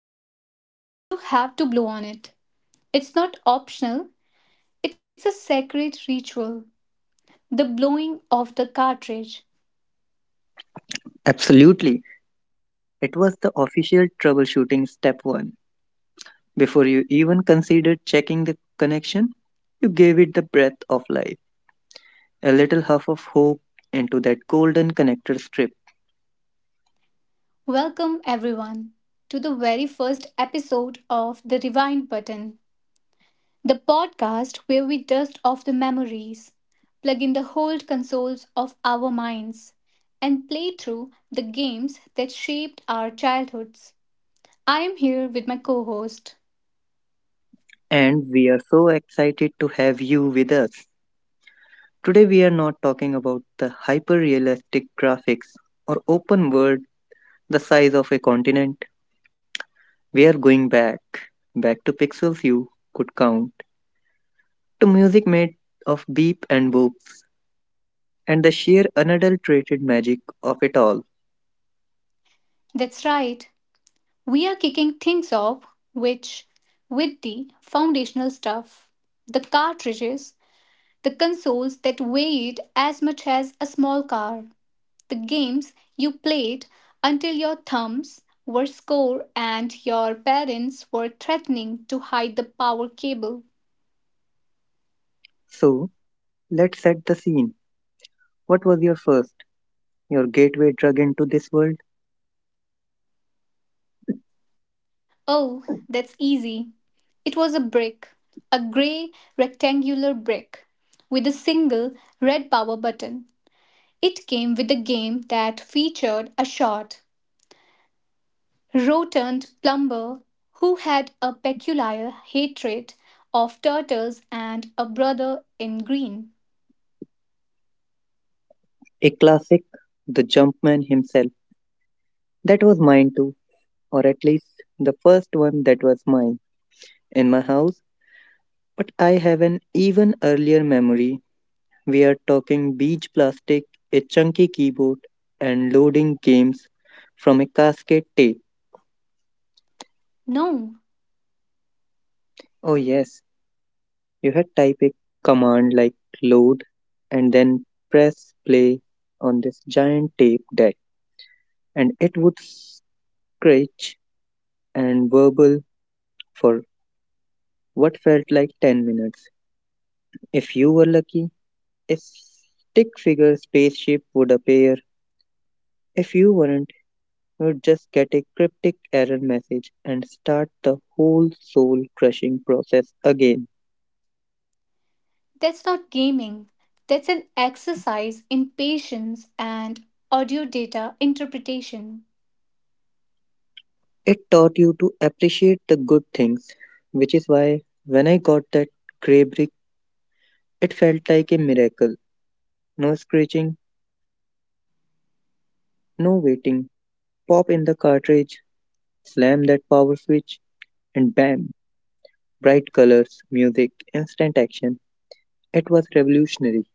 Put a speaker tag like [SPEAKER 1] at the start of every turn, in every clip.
[SPEAKER 1] it. You have to blow on it. It's not optional, it's a sacred ritual. The blowing of the cartridge.
[SPEAKER 2] Absolutely. It was the official troubleshooting step one. Before you even considered checking the connection, you gave it the breath of life, a little huff of hope into that golden connector strip.
[SPEAKER 1] Welcome, everyone, to the very first episode of the Rewind Button, the podcast where we dust off the memories, plug in the old consoles of our minds, and play through the games that shaped our childhoods. I am here with my co host.
[SPEAKER 2] And we are so excited to have you with us. Today, we are not talking about the hyper realistic graphics or open world the size of a continent. We are going back, back to pixels you could count, to music made of beep and boop and the sheer unadulterated magic of it all.
[SPEAKER 1] That's right, we are kicking things off which with the foundational stuff, the cartridges, the consoles that weighed as much as a small car, the games you played until your thumbs were sore and your parents were threatening to hide the power cable.
[SPEAKER 2] So, let's set the scene. What was your first, your gateway drug into this world?
[SPEAKER 1] Oh, that's easy. It was a brick, a grey rectangular brick with a single red power button. It came with a game that featured a short, rotund plumber who had a peculiar hatred of turtles and a brother in green.
[SPEAKER 2] A classic, the Jumpman himself. That was mine too, or at least the first one that was mine in my house. But I have an even earlier memory. We are talking beach plastic, a chunky keyboard, and loading games from a cascade tape.
[SPEAKER 1] No,
[SPEAKER 2] Oh, yes, you had type a command like load and then press play on this giant tape deck, and it would scratch and burble for what felt like 10 minutes. If you were lucky, a stick figure spaceship would appear. If you weren't, you'd just get a cryptic error message and start the whole soul crushing process again.
[SPEAKER 1] that's not gaming. That's an exercise in patience and audio data interpretation.
[SPEAKER 2] It taught you to appreciate the good things, which is why when I got that gray brick it felt like a miracle. No screeching, no waiting. Pop in the cartridge, slam that power switch, and bam! Bright colors, music, instant action. It was revolutionary.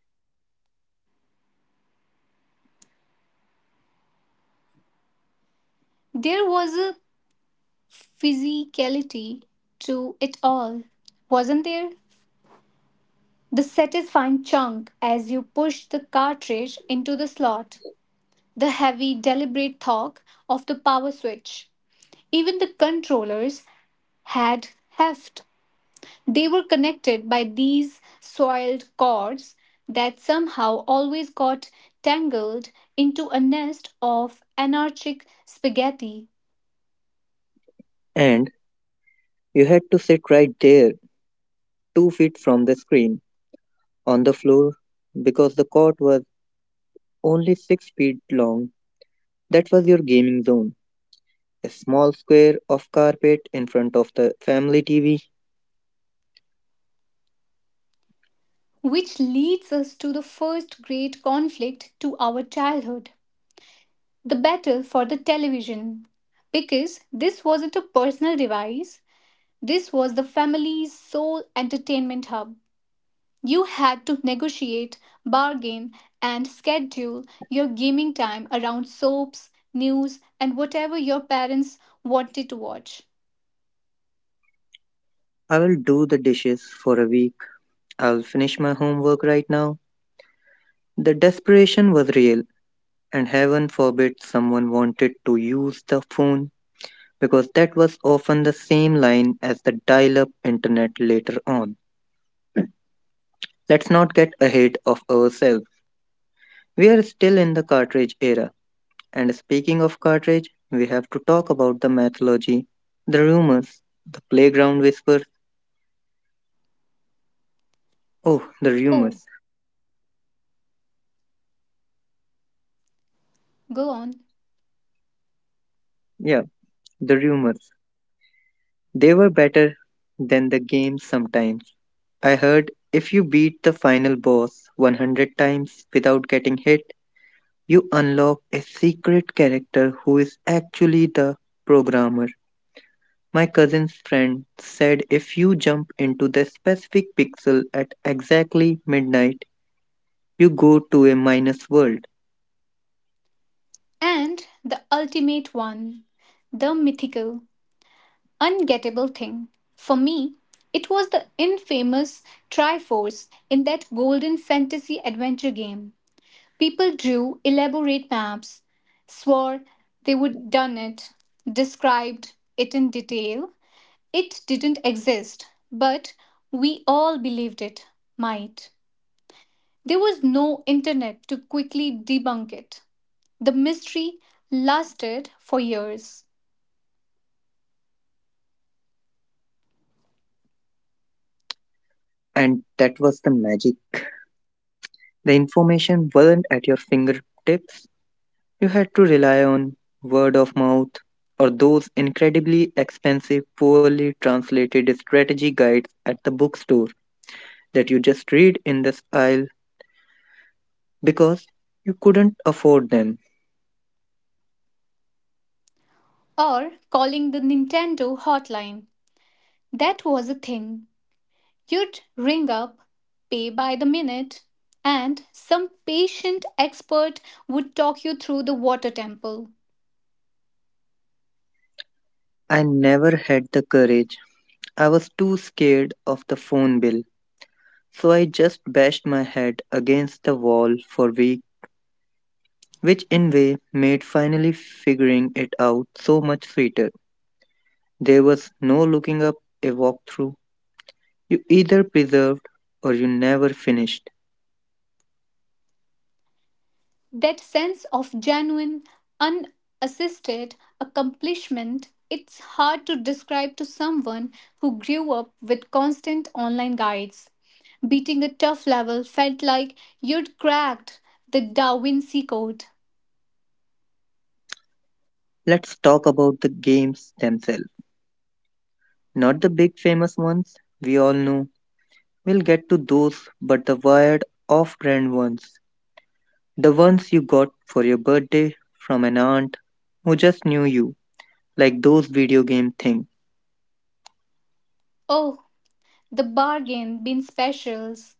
[SPEAKER 1] There was a physicality to it all, wasn't there? The satisfying chunk as you pushed the cartridge into the slot, the heavy, deliberate talk of the power switch. Even the controllers had heft. They were connected by these soiled cords that somehow always got tangled into a nest of anarchic spaghetti.
[SPEAKER 2] And you had to sit right there, 2 feet from the screen, on the floor, because the court was only 6 feet long. That was your gaming zone. A small square of carpet in front of the family TV.
[SPEAKER 1] Which leads us to the first great conflict to our childhood, the battle for the television. Because this wasn't a personal device, this was the family's sole entertainment hub. You had to negotiate, bargain, and schedule your gaming time around soaps, news, and whatever your parents wanted to watch.
[SPEAKER 2] I will do the dishes for a week. I will finish my homework right now. The desperation was real, and heaven forbid someone wanted to use the phone because that was often the same line as the dial up internet later on. Let's not get ahead of ourselves. We are still in the cartridge era, and speaking of cartridge, we have to talk about the mythology, the rumors, the playground whispers. Oh, the
[SPEAKER 1] Oh,
[SPEAKER 2] rumors.
[SPEAKER 1] go on.
[SPEAKER 2] Yeah, the rumors. They were better than the game sometimes. I heard if you beat the final boss 100 times without getting hit, you unlock a secret character who is actually the programmer. My cousin's friend said if you jump into the specific pixel at exactly midnight, you go to a minus world.
[SPEAKER 1] And the ultimate one, the mythical, ungettable thing. For me, it was the infamous Triforce in that golden fantasy adventure game. People drew elaborate maps, swore they would done it, described it in detail. It didn't exist, but we all believed it might. There was no internet to quickly debunk it. The mystery lasted for years.
[SPEAKER 2] And that was the magic. The information wasn't at your fingertips. You had to rely on word of mouth or those incredibly expensive, poorly translated strategy guides at the bookstore that you just read in the aisle because you couldn't afford them.
[SPEAKER 1] Or calling the Nintendo hotline. That was a thing. You'd ring up, pay by the minute, and some patient expert would talk you through the water temple.
[SPEAKER 2] I never had the courage. I was too scared of the phone bill, so I just bashed my head against the wall for weeks, which in way made finally figuring it out so much sweeter. There was no looking up a walkthrough. You either preserved or you never finished.
[SPEAKER 1] That sense of genuine, unassisted accomplishment, it's hard to describe to someone who grew up with constant online guides. Beating a tough level felt like you'd cracked the Da Vinci Code.
[SPEAKER 2] Let's talk about the games themselves. Not the big famous ones we all know. We'll get to those, but the wired off brand ones. The ones you got for your birthday from an aunt who just knew you, like those video game things.
[SPEAKER 1] Oh, the bargain bin specials.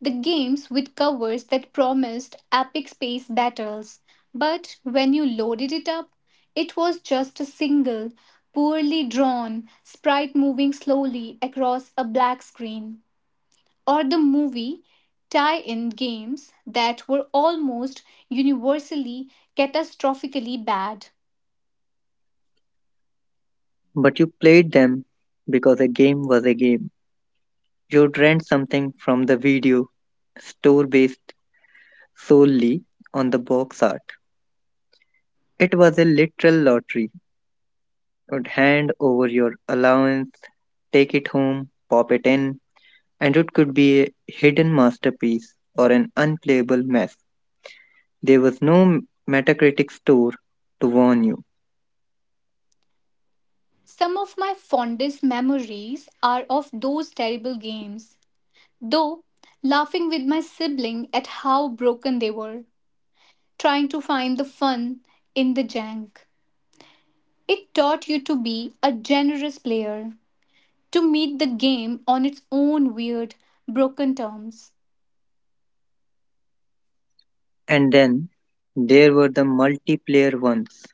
[SPEAKER 1] The games with covers that promised epic space battles, but when you loaded it up, it was just a single, poorly drawn sprite moving slowly across a black screen. Or the movie tie in games that were almost universally catastrophically bad.
[SPEAKER 2] But you played them because a game was a game. You'd rent something from the video store based solely on the box art. It was a literal lottery. Would hand over your allowance, take it home, pop it in, and it could be a hidden masterpiece or an unplayable mess. There was no Metacritic store to warn you.
[SPEAKER 1] Some of my fondest memories are of those terrible games, though, laughing with my sibling at how broken they were. Trying to find the fun in the jank. It taught you to be a generous player, to meet the game on its own weird, broken terms.
[SPEAKER 2] And then there were the multiplayer ones,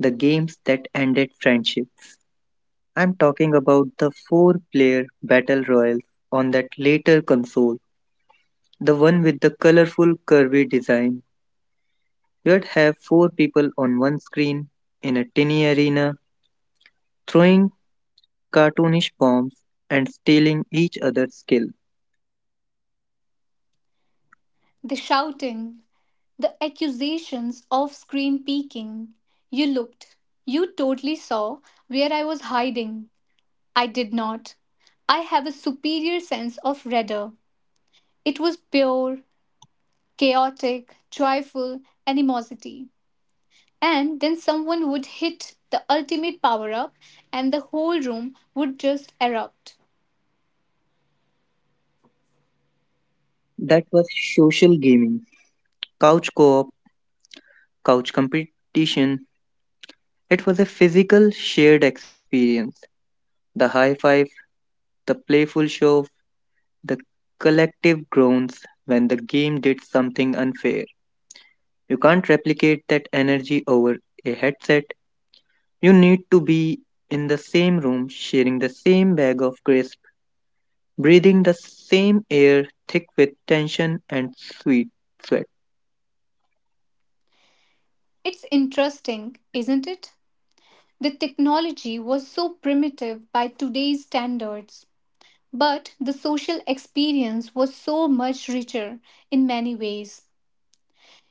[SPEAKER 2] the games that ended friendships. I'm talking about the four player battle royals on that later console, the one with the colorful curvy design. You'd have four people on one screen in a tiny arena throwing cartoonish bombs, and stealing each other's skill.
[SPEAKER 1] The shouting, the accusations of screen peeking. You looked. You totally saw where I was hiding. I did not. I have a superior sense of radar. It was pure, chaotic, joyful animosity. And then someone would hit the ultimate power up, and the whole room would just erupt.
[SPEAKER 2] That was social gaming, couch co op, couch competition. It was a physical shared experience. The high five, the playful shove, the collective groans when the game did something unfair. You can't replicate that energy over a headset. You need to be in the same room sharing the same bag of crisps, breathing the same air thick with tension and sweet sweat.
[SPEAKER 1] It's interesting, isn't it? The technology was so primitive by today's standards, but the social experience was so much richer in many ways.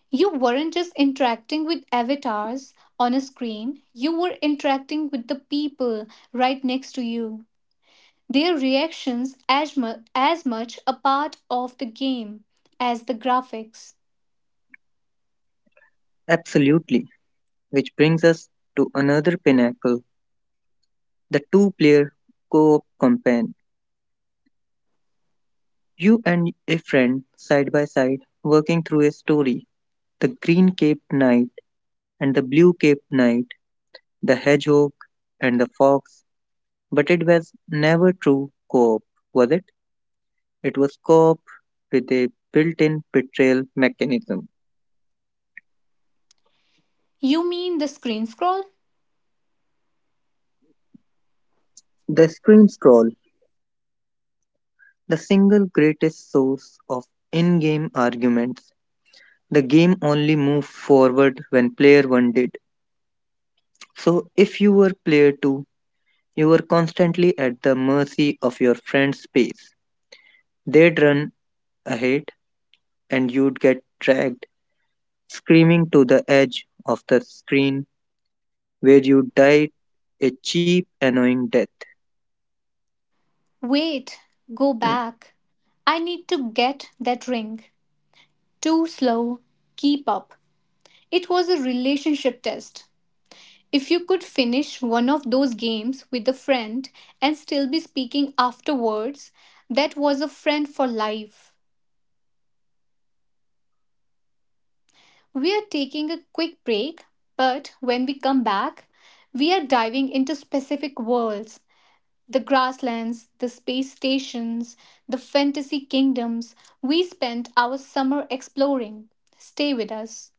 [SPEAKER 1] You weren't just interacting with avatars on a screen, you were interacting with the people right next to you. Their reactions as, as much a part of the game as the graphics.
[SPEAKER 2] Absolutely. Which brings us to another pinnacle, the two player co op campaign. You and a friend side by side working through a story, the green caped knight and the blue caped knight, the hedgehog and the fox. But it was never true co op, was it? It was co op with a built in betrayal mechanism.
[SPEAKER 1] You mean the screen scroll?
[SPEAKER 2] The screen scroll, the single greatest source of in game arguments. The game only moved forward when player 1 did. So, if you were player 2, you were constantly at the mercy of your friend's pace. They'd run ahead, and you'd get dragged screaming to the edge of the screen where you died a cheap, annoying death.
[SPEAKER 1] Wait, go back. I need to get that ring. Too slow, keep up. It was a relationship test. If you could finish one of those games with a friend and still be speaking afterwards, that was a friend for life. We are taking a quick break, but when we come back, we are diving into specific worlds, the grasslands, the space stations, the fantasy kingdoms we spent our summer exploring. Stay with us.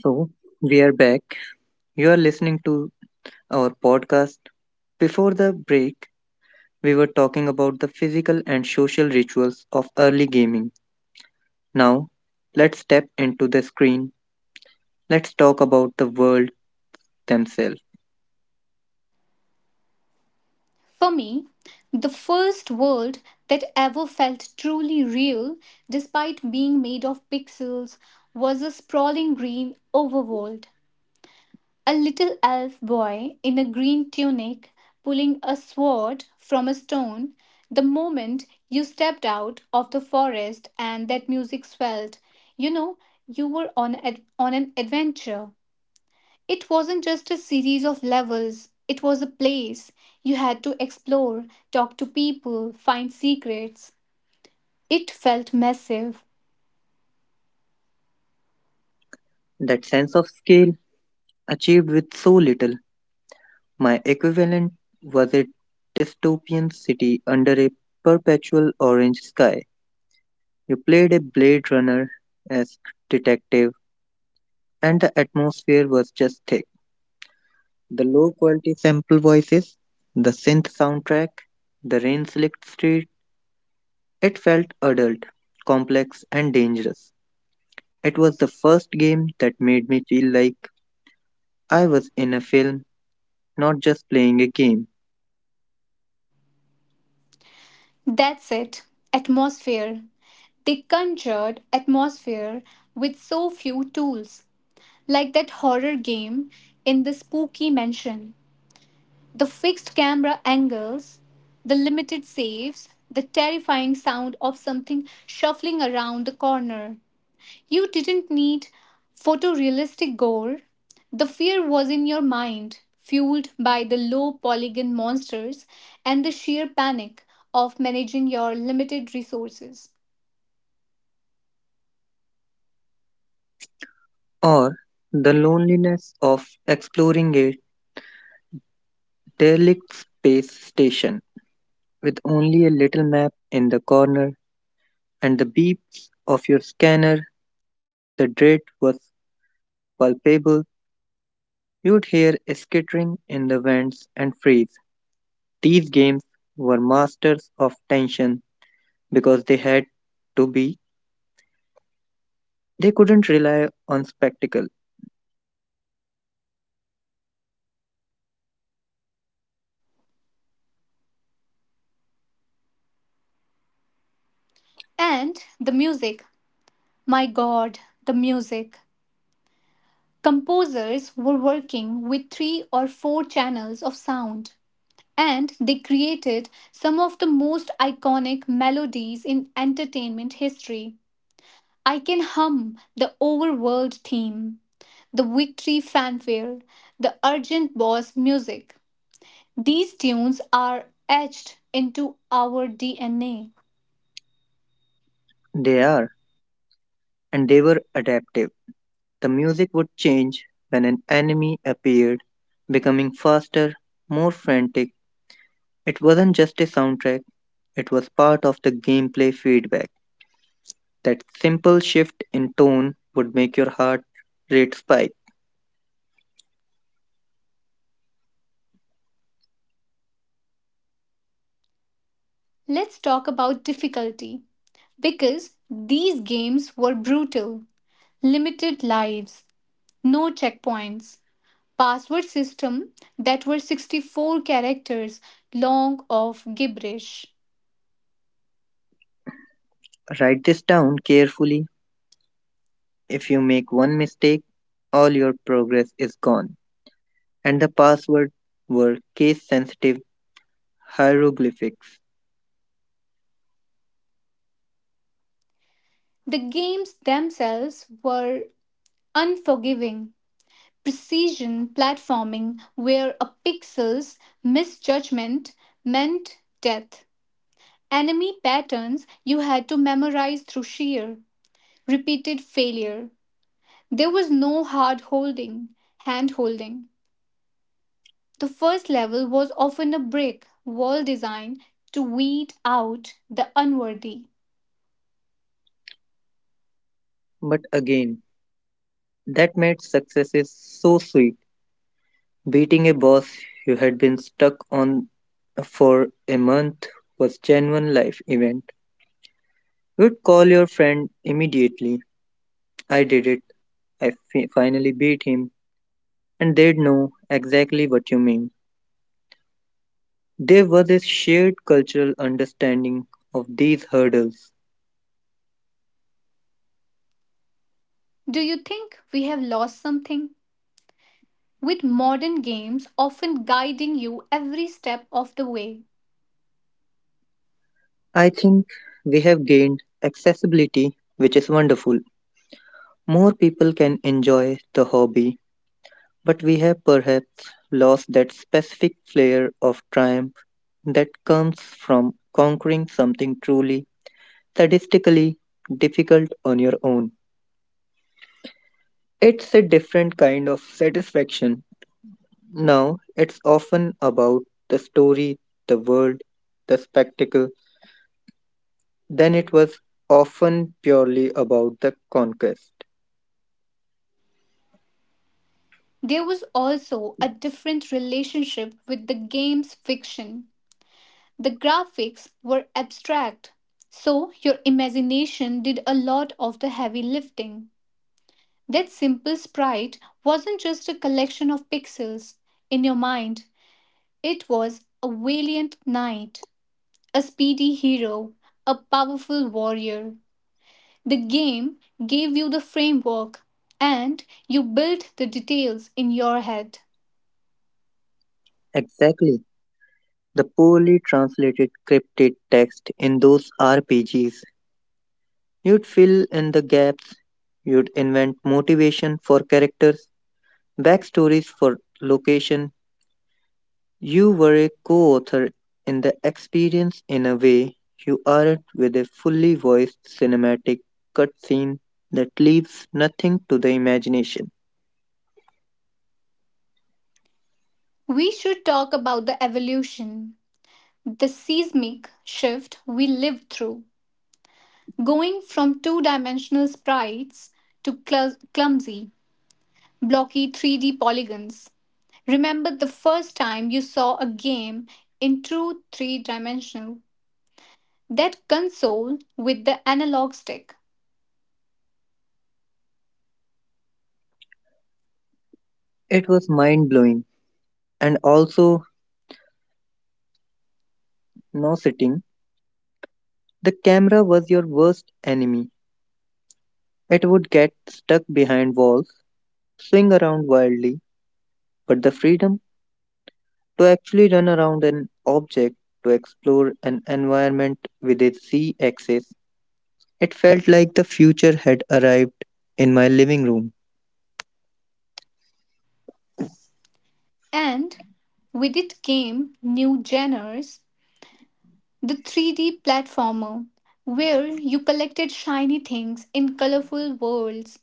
[SPEAKER 2] So, we are back. You are listening to our podcast. Before the break, we were talking about the physical and social rituals of early gaming. Now, let's step into the screen. Let's talk about the world themselves.
[SPEAKER 1] For me, the first world that ever felt truly real, despite being made of pixels, was a sprawling green overworld. A little elf boy in a green tunic pulling a sword from a stone. The moment you stepped out of the forest and that music swelled, you know, you were on an adventure. It wasn't just a series of levels, it was a place. You had to explore, talk to people, find secrets. It felt massive.
[SPEAKER 2] That sense of scale achieved with so little. My equivalent was a dystopian city under a perpetual orange sky. You played a Blade Runner esque detective, and the atmosphere was just thick. The low quality sample voices, the synth soundtrack, the rain slicked street, it felt adult, complex, and dangerous. It was the first game that made me feel like I was in a film, not just playing a game.
[SPEAKER 1] That's it. Atmosphere. They conjured atmosphere with so few tools. Like that horror game in the spooky mansion. The fixed camera angles, the limited saves, the terrifying sound of something shuffling around the corner. You didn't need photorealistic gore. The fear was in your mind, fueled by the low polygon monsters and the sheer panic of managing your limited resources.
[SPEAKER 2] Or the loneliness of exploring a derelict space station with only a little map in the corner and the beeps of your scanner. The dread was palpable. You'd hear a skittering in the vents and freeze. These games were masters of tension because they had to be. They couldn't rely on spectacle.
[SPEAKER 1] And the music. My god, the music. Composers were working with three or four channels of sound, and they created some of the most iconic melodies in entertainment history. I can hum the overworld theme, the victory fanfare, the urgent boss music. These tunes are etched into our DNA.
[SPEAKER 2] They are, and they were adaptive. The music would change when an enemy appeared, becoming faster, more frantic. It wasn't just a soundtrack, it was part of the gameplay feedback. That simple shift in tone would make your heart rate spike.
[SPEAKER 1] Let's talk about difficulty because these games were brutal, limited lives, no checkpoints, password system that were 64 characters long of gibberish.
[SPEAKER 2] Write this down carefully. If you make one mistake, all your progress is gone. And the password were case sensitive hieroglyphics.
[SPEAKER 1] The games themselves were unforgiving. Precision platforming where a pixel's misjudgment meant death. Enemy patterns you had to memorize through sheer repeated failure. There was no hand holding. The first level was often a brick wall designed to weed out the unworthy.
[SPEAKER 2] But again, that made successes so sweet. Beating a boss you had been stuck on for a month was genuine life event. You'd call your friend immediately. I did it. I finally beat him, and they'd know exactly what you mean. There was a shared cultural understanding of these hurdles.
[SPEAKER 1] Do you think we have lost something? With modern games often guiding you every step of the way,
[SPEAKER 2] I think we have gained accessibility, which is wonderful. More people can enjoy the hobby, but we have perhaps lost that specific flair of triumph that comes from conquering something truly, statistically difficult on your own. It's a different kind of satisfaction. Now, it's often about the story, the world, the spectacle. Then it was often purely about the conquest.
[SPEAKER 1] there was also a different relationship with the game's fiction. The graphics were abstract, so your imagination did a lot of the heavy lifting. That simple sprite wasn't just a collection of pixels in your mind. It was a valiant knight, a speedy hero, a powerful warrior. The game gave you the framework and you built the details in your head.
[SPEAKER 2] Exactly. The poorly translated cryptid text in those RPGs. You'd fill in the gaps, you'd invent motivation for characters, backstories for location. You were a co author in the experience in a way you aren't with a fully voiced cinematic cutscene that leaves nothing to the imagination.
[SPEAKER 1] We should talk about the evolution, the seismic shift we lived through, going from two dimensional sprites to clumsy, blocky 3D polygons. Remember the first time you saw a game in true three dimensional? That console with the analog stick.
[SPEAKER 2] It was mind blowing and also nauseating. The camera was your worst enemy. It would get stuck behind walls, swing around wildly, but the freedom to actually run around an object, to explore an environment with its Z axis, it felt like the future had arrived in my living room.
[SPEAKER 1] And with it came new genres, the 3D platformer, where you collected shiny things in colorful worlds,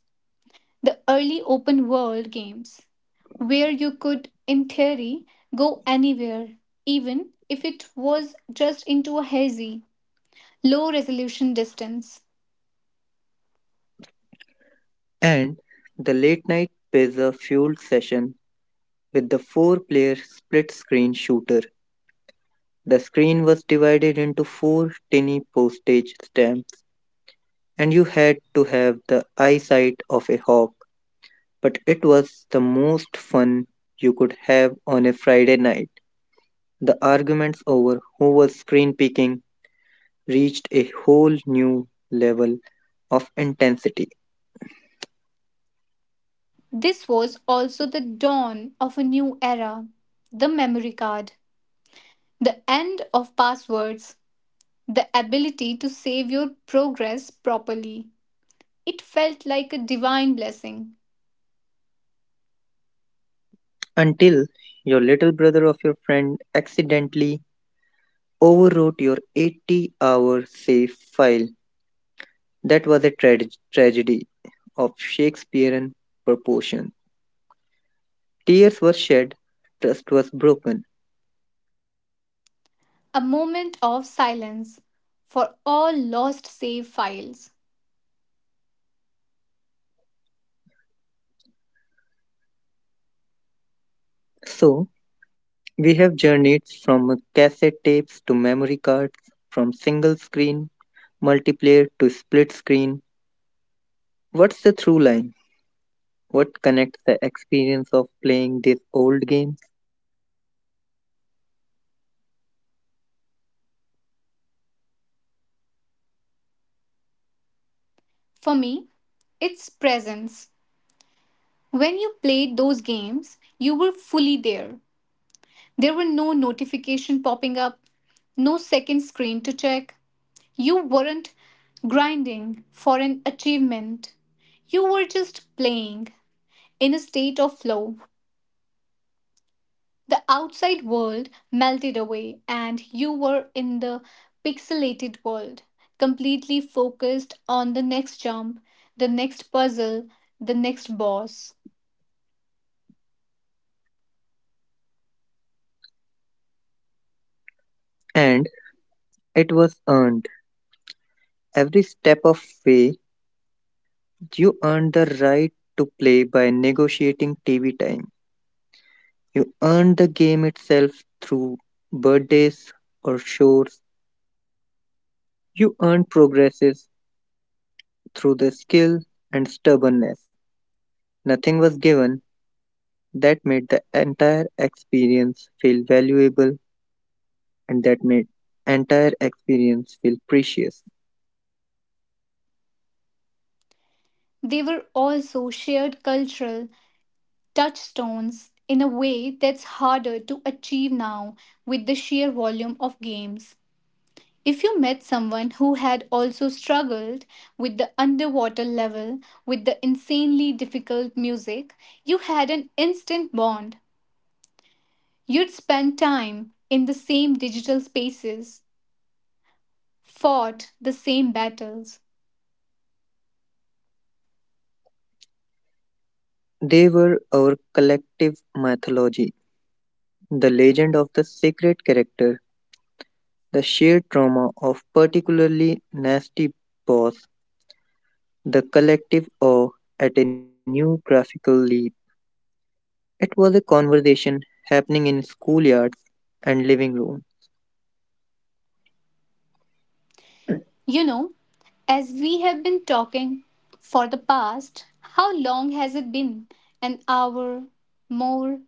[SPEAKER 1] the early open world games, where you could, in theory, go anywhere, even if it was just into a hazy, low resolution distance.
[SPEAKER 2] And the late night pizza fueled session with the four player split screen shooter. The screen was divided into four tiny postage stamps, and you had to have the eyesight of a hawk. But it was the most fun you could have on a Friday night. The arguments over who was screen peaking reached a whole new level of intensity
[SPEAKER 1] This was also the dawn of a new era, the memory card. The end of passwords, the ability to save your progress properly. It felt like a divine blessing.
[SPEAKER 2] until your little brother of your friend accidentally overwrote your 80-hour hour save file. That was a tragedy of Shakespearean proportion. Tears were shed, trust was broken.
[SPEAKER 1] A moment of silence for all lost save files.
[SPEAKER 2] So, we have journeyed from cassette tapes to memory cards, from single screen multiplayer to split screen, what's the through line? What connects the experience of playing this old game?
[SPEAKER 1] For me, it's presence. When you played those games, you were fully there. There were no notification popping up, no second screen to check. You weren't grinding for an achievement. You were just playing, in a state of flow, the outside world melted away, and you were in the pixelated world, completely focused on the next jump, the next puzzle, the next boss.
[SPEAKER 2] And it was earned. Every step of way, you earned the right to play by negotiating TV time. You earned the game itself through birthdays or chores. You earned progresses through the skill and stubbornness. Nothing was given that made the entire experience feel valuable and that made entire experience feel precious.
[SPEAKER 1] They were also shared cultural touchstones in a way that's harder to achieve now with the sheer volume of games. If you met someone who had also struggled with the underwater level, with the insanely difficult music, you had an instant bond. You'd spend time in the same digital spaces, fought the same battles.
[SPEAKER 2] They were our collective mythology, the legend of the sacred character, the shared trauma of particularly nasty boss, the collective awe at a new graphical leap. It was a conversation happening in schoolyards and living room.
[SPEAKER 1] You know, as we have been talking for the past, how long has it been? An hour? More?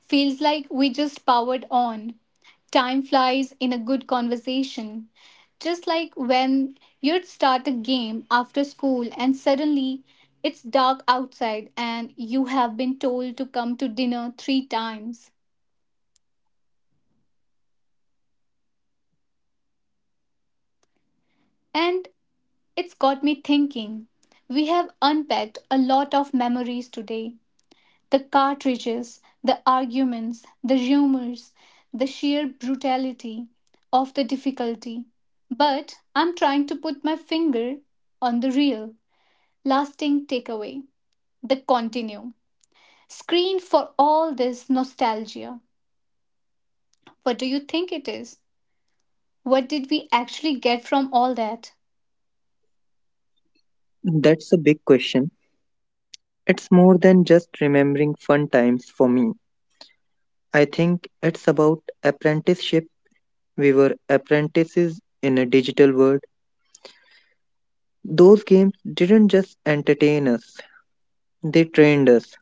[SPEAKER 1] Feels like we just powered on. Time flies in a good conversation. Just like when you'd start a game after school and suddenly it's dark outside and you have been told to come to dinner three times. And it's got me thinking. We have unpacked a lot of memories today. The cartridges, the arguments, the rumors, the sheer brutality of the difficulty. But I'm trying to put my finger on the real, lasting takeaway, the continuum. Screen for all this nostalgia. What do you think it is? What did we actually get from all that?
[SPEAKER 2] That's a big question. It's more than just remembering fun times for me. I think it's about apprenticeship. We were apprentices in a digital world. Those games didn't just entertain us.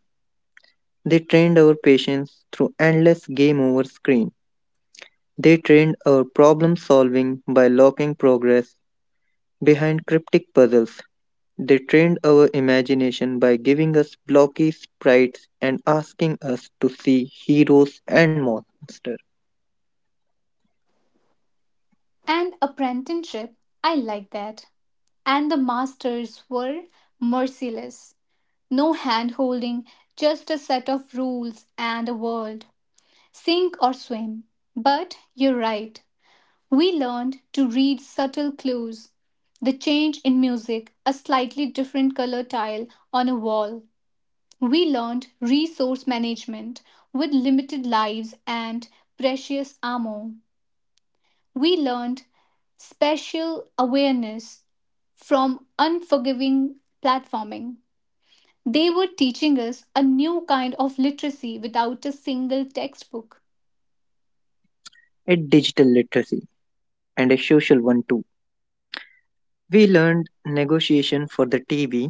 [SPEAKER 2] They trained our patience through endless game over screen. They trained our problem solving by locking progress behind cryptic puzzles. They trained our imagination by giving us blocky sprites and asking us to see heroes and monsters.
[SPEAKER 1] An apprenticeship, I like that. And the masters were merciless. No hand holding, just a set of rules and a world. Sink or swim. But you're right. We learned to read subtle clues. The change in music, a slightly different color tile on a wall. We learned resource management with limited lives and precious ammo. We learned spatial awareness from unforgiving platforming. They were teaching us a new kind of literacy without a single textbook.
[SPEAKER 2] A digital literacy and a social one too. We learned negotiation for the TV.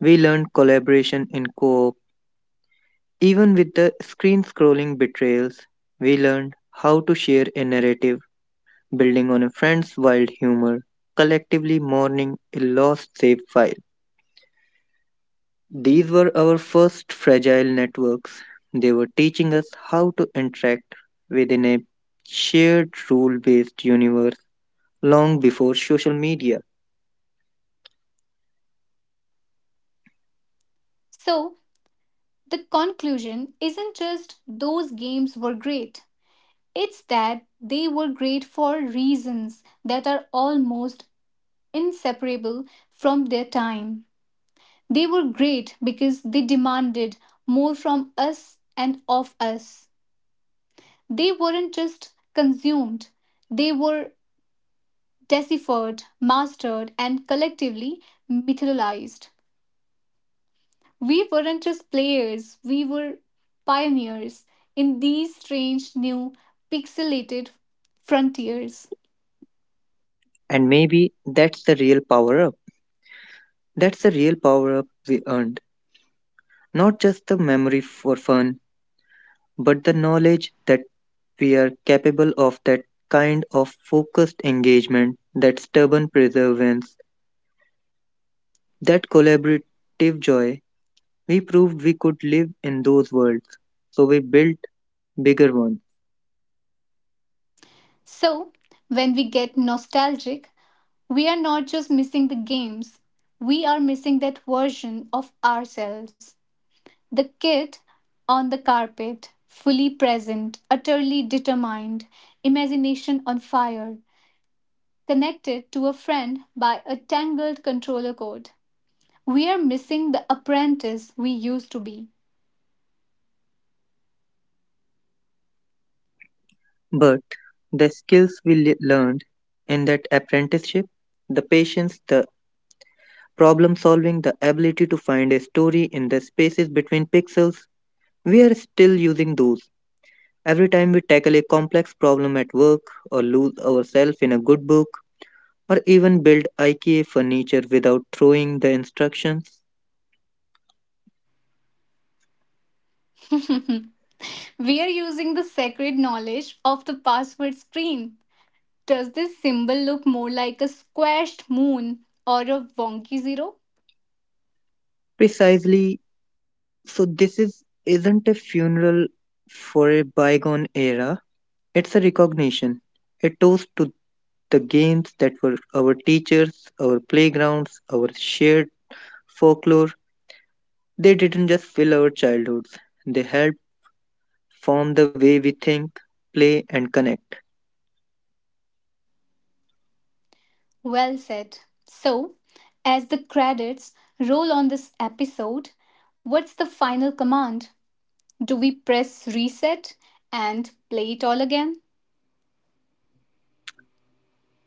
[SPEAKER 2] We learned collaboration in co op. Even with the screen scrolling betrayals, we learned how to share a narrative building on a friend's wild humor, collectively mourning a lost save file. These were our first fragile networks. They were teaching us how to interact within a shared rule based universe long before social media.
[SPEAKER 1] So, the conclusion isn't just those games were great, it's that they were great for reasons that are almost inseparable from their time. They were great because they demanded more from us and of us. They weren't just consumed, they were deciphered, mastered, and collectively mythologized. We weren't just players, we were pioneers in these strange, new, pixelated frontiers.
[SPEAKER 2] And maybe that's the real power up. That's the real power up we earned. Not just the memory for fun, but the knowledge that we are capable of that kind of focused engagement, that stubborn perseverance, that collaborative joy, we proved we could live in those worlds. So we built bigger ones.
[SPEAKER 1] So, when we get nostalgic, we are not just missing the games, we are missing that version of ourselves. The kid on the carpet, fully present, utterly determined, imagination on fire, connected to a friend by a tangled controller cord. We are missing the apprentice we used to be.
[SPEAKER 2] But the skills we learned in that apprenticeship, the patience, the problem solving, the ability to find a story in the spaces between pixels, we are still using those. Every time we tackle a complex problem at work, or lose ourselves in a good book, or even build IKEA furniture without throwing the instructions.
[SPEAKER 1] We are using the sacred knowledge of the password screen. Does this symbol look more like a squashed moon or a wonky zero?
[SPEAKER 2] Precisely, so this is, isn't a funeral for a bygone era, it's a recognition, a toast to the games that were our teachers, our playgrounds, our shared folklore. They didn't just fill our childhoods, they helped form the way we think, play, and connect.
[SPEAKER 1] Well said. So, as the credits roll on this episode, what's the final command? Do we press reset and play it all again?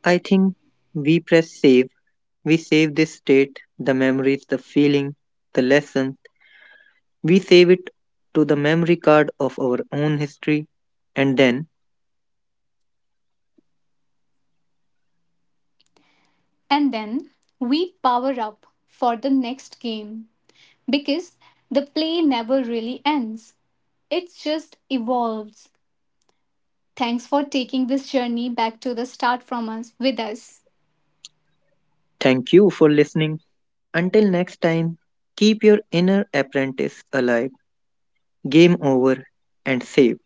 [SPEAKER 2] I think we press save. We save this state, the memories, the feeling, the lesson. We save it to the memory card of our own history. And then,
[SPEAKER 1] And then we power up for the next game. Because the play never really ends. It just evolves. Thanks for taking this journey back to the start from us with us.
[SPEAKER 2] thank you for listening. Until next time, keep your inner apprentice alive, game over, and save.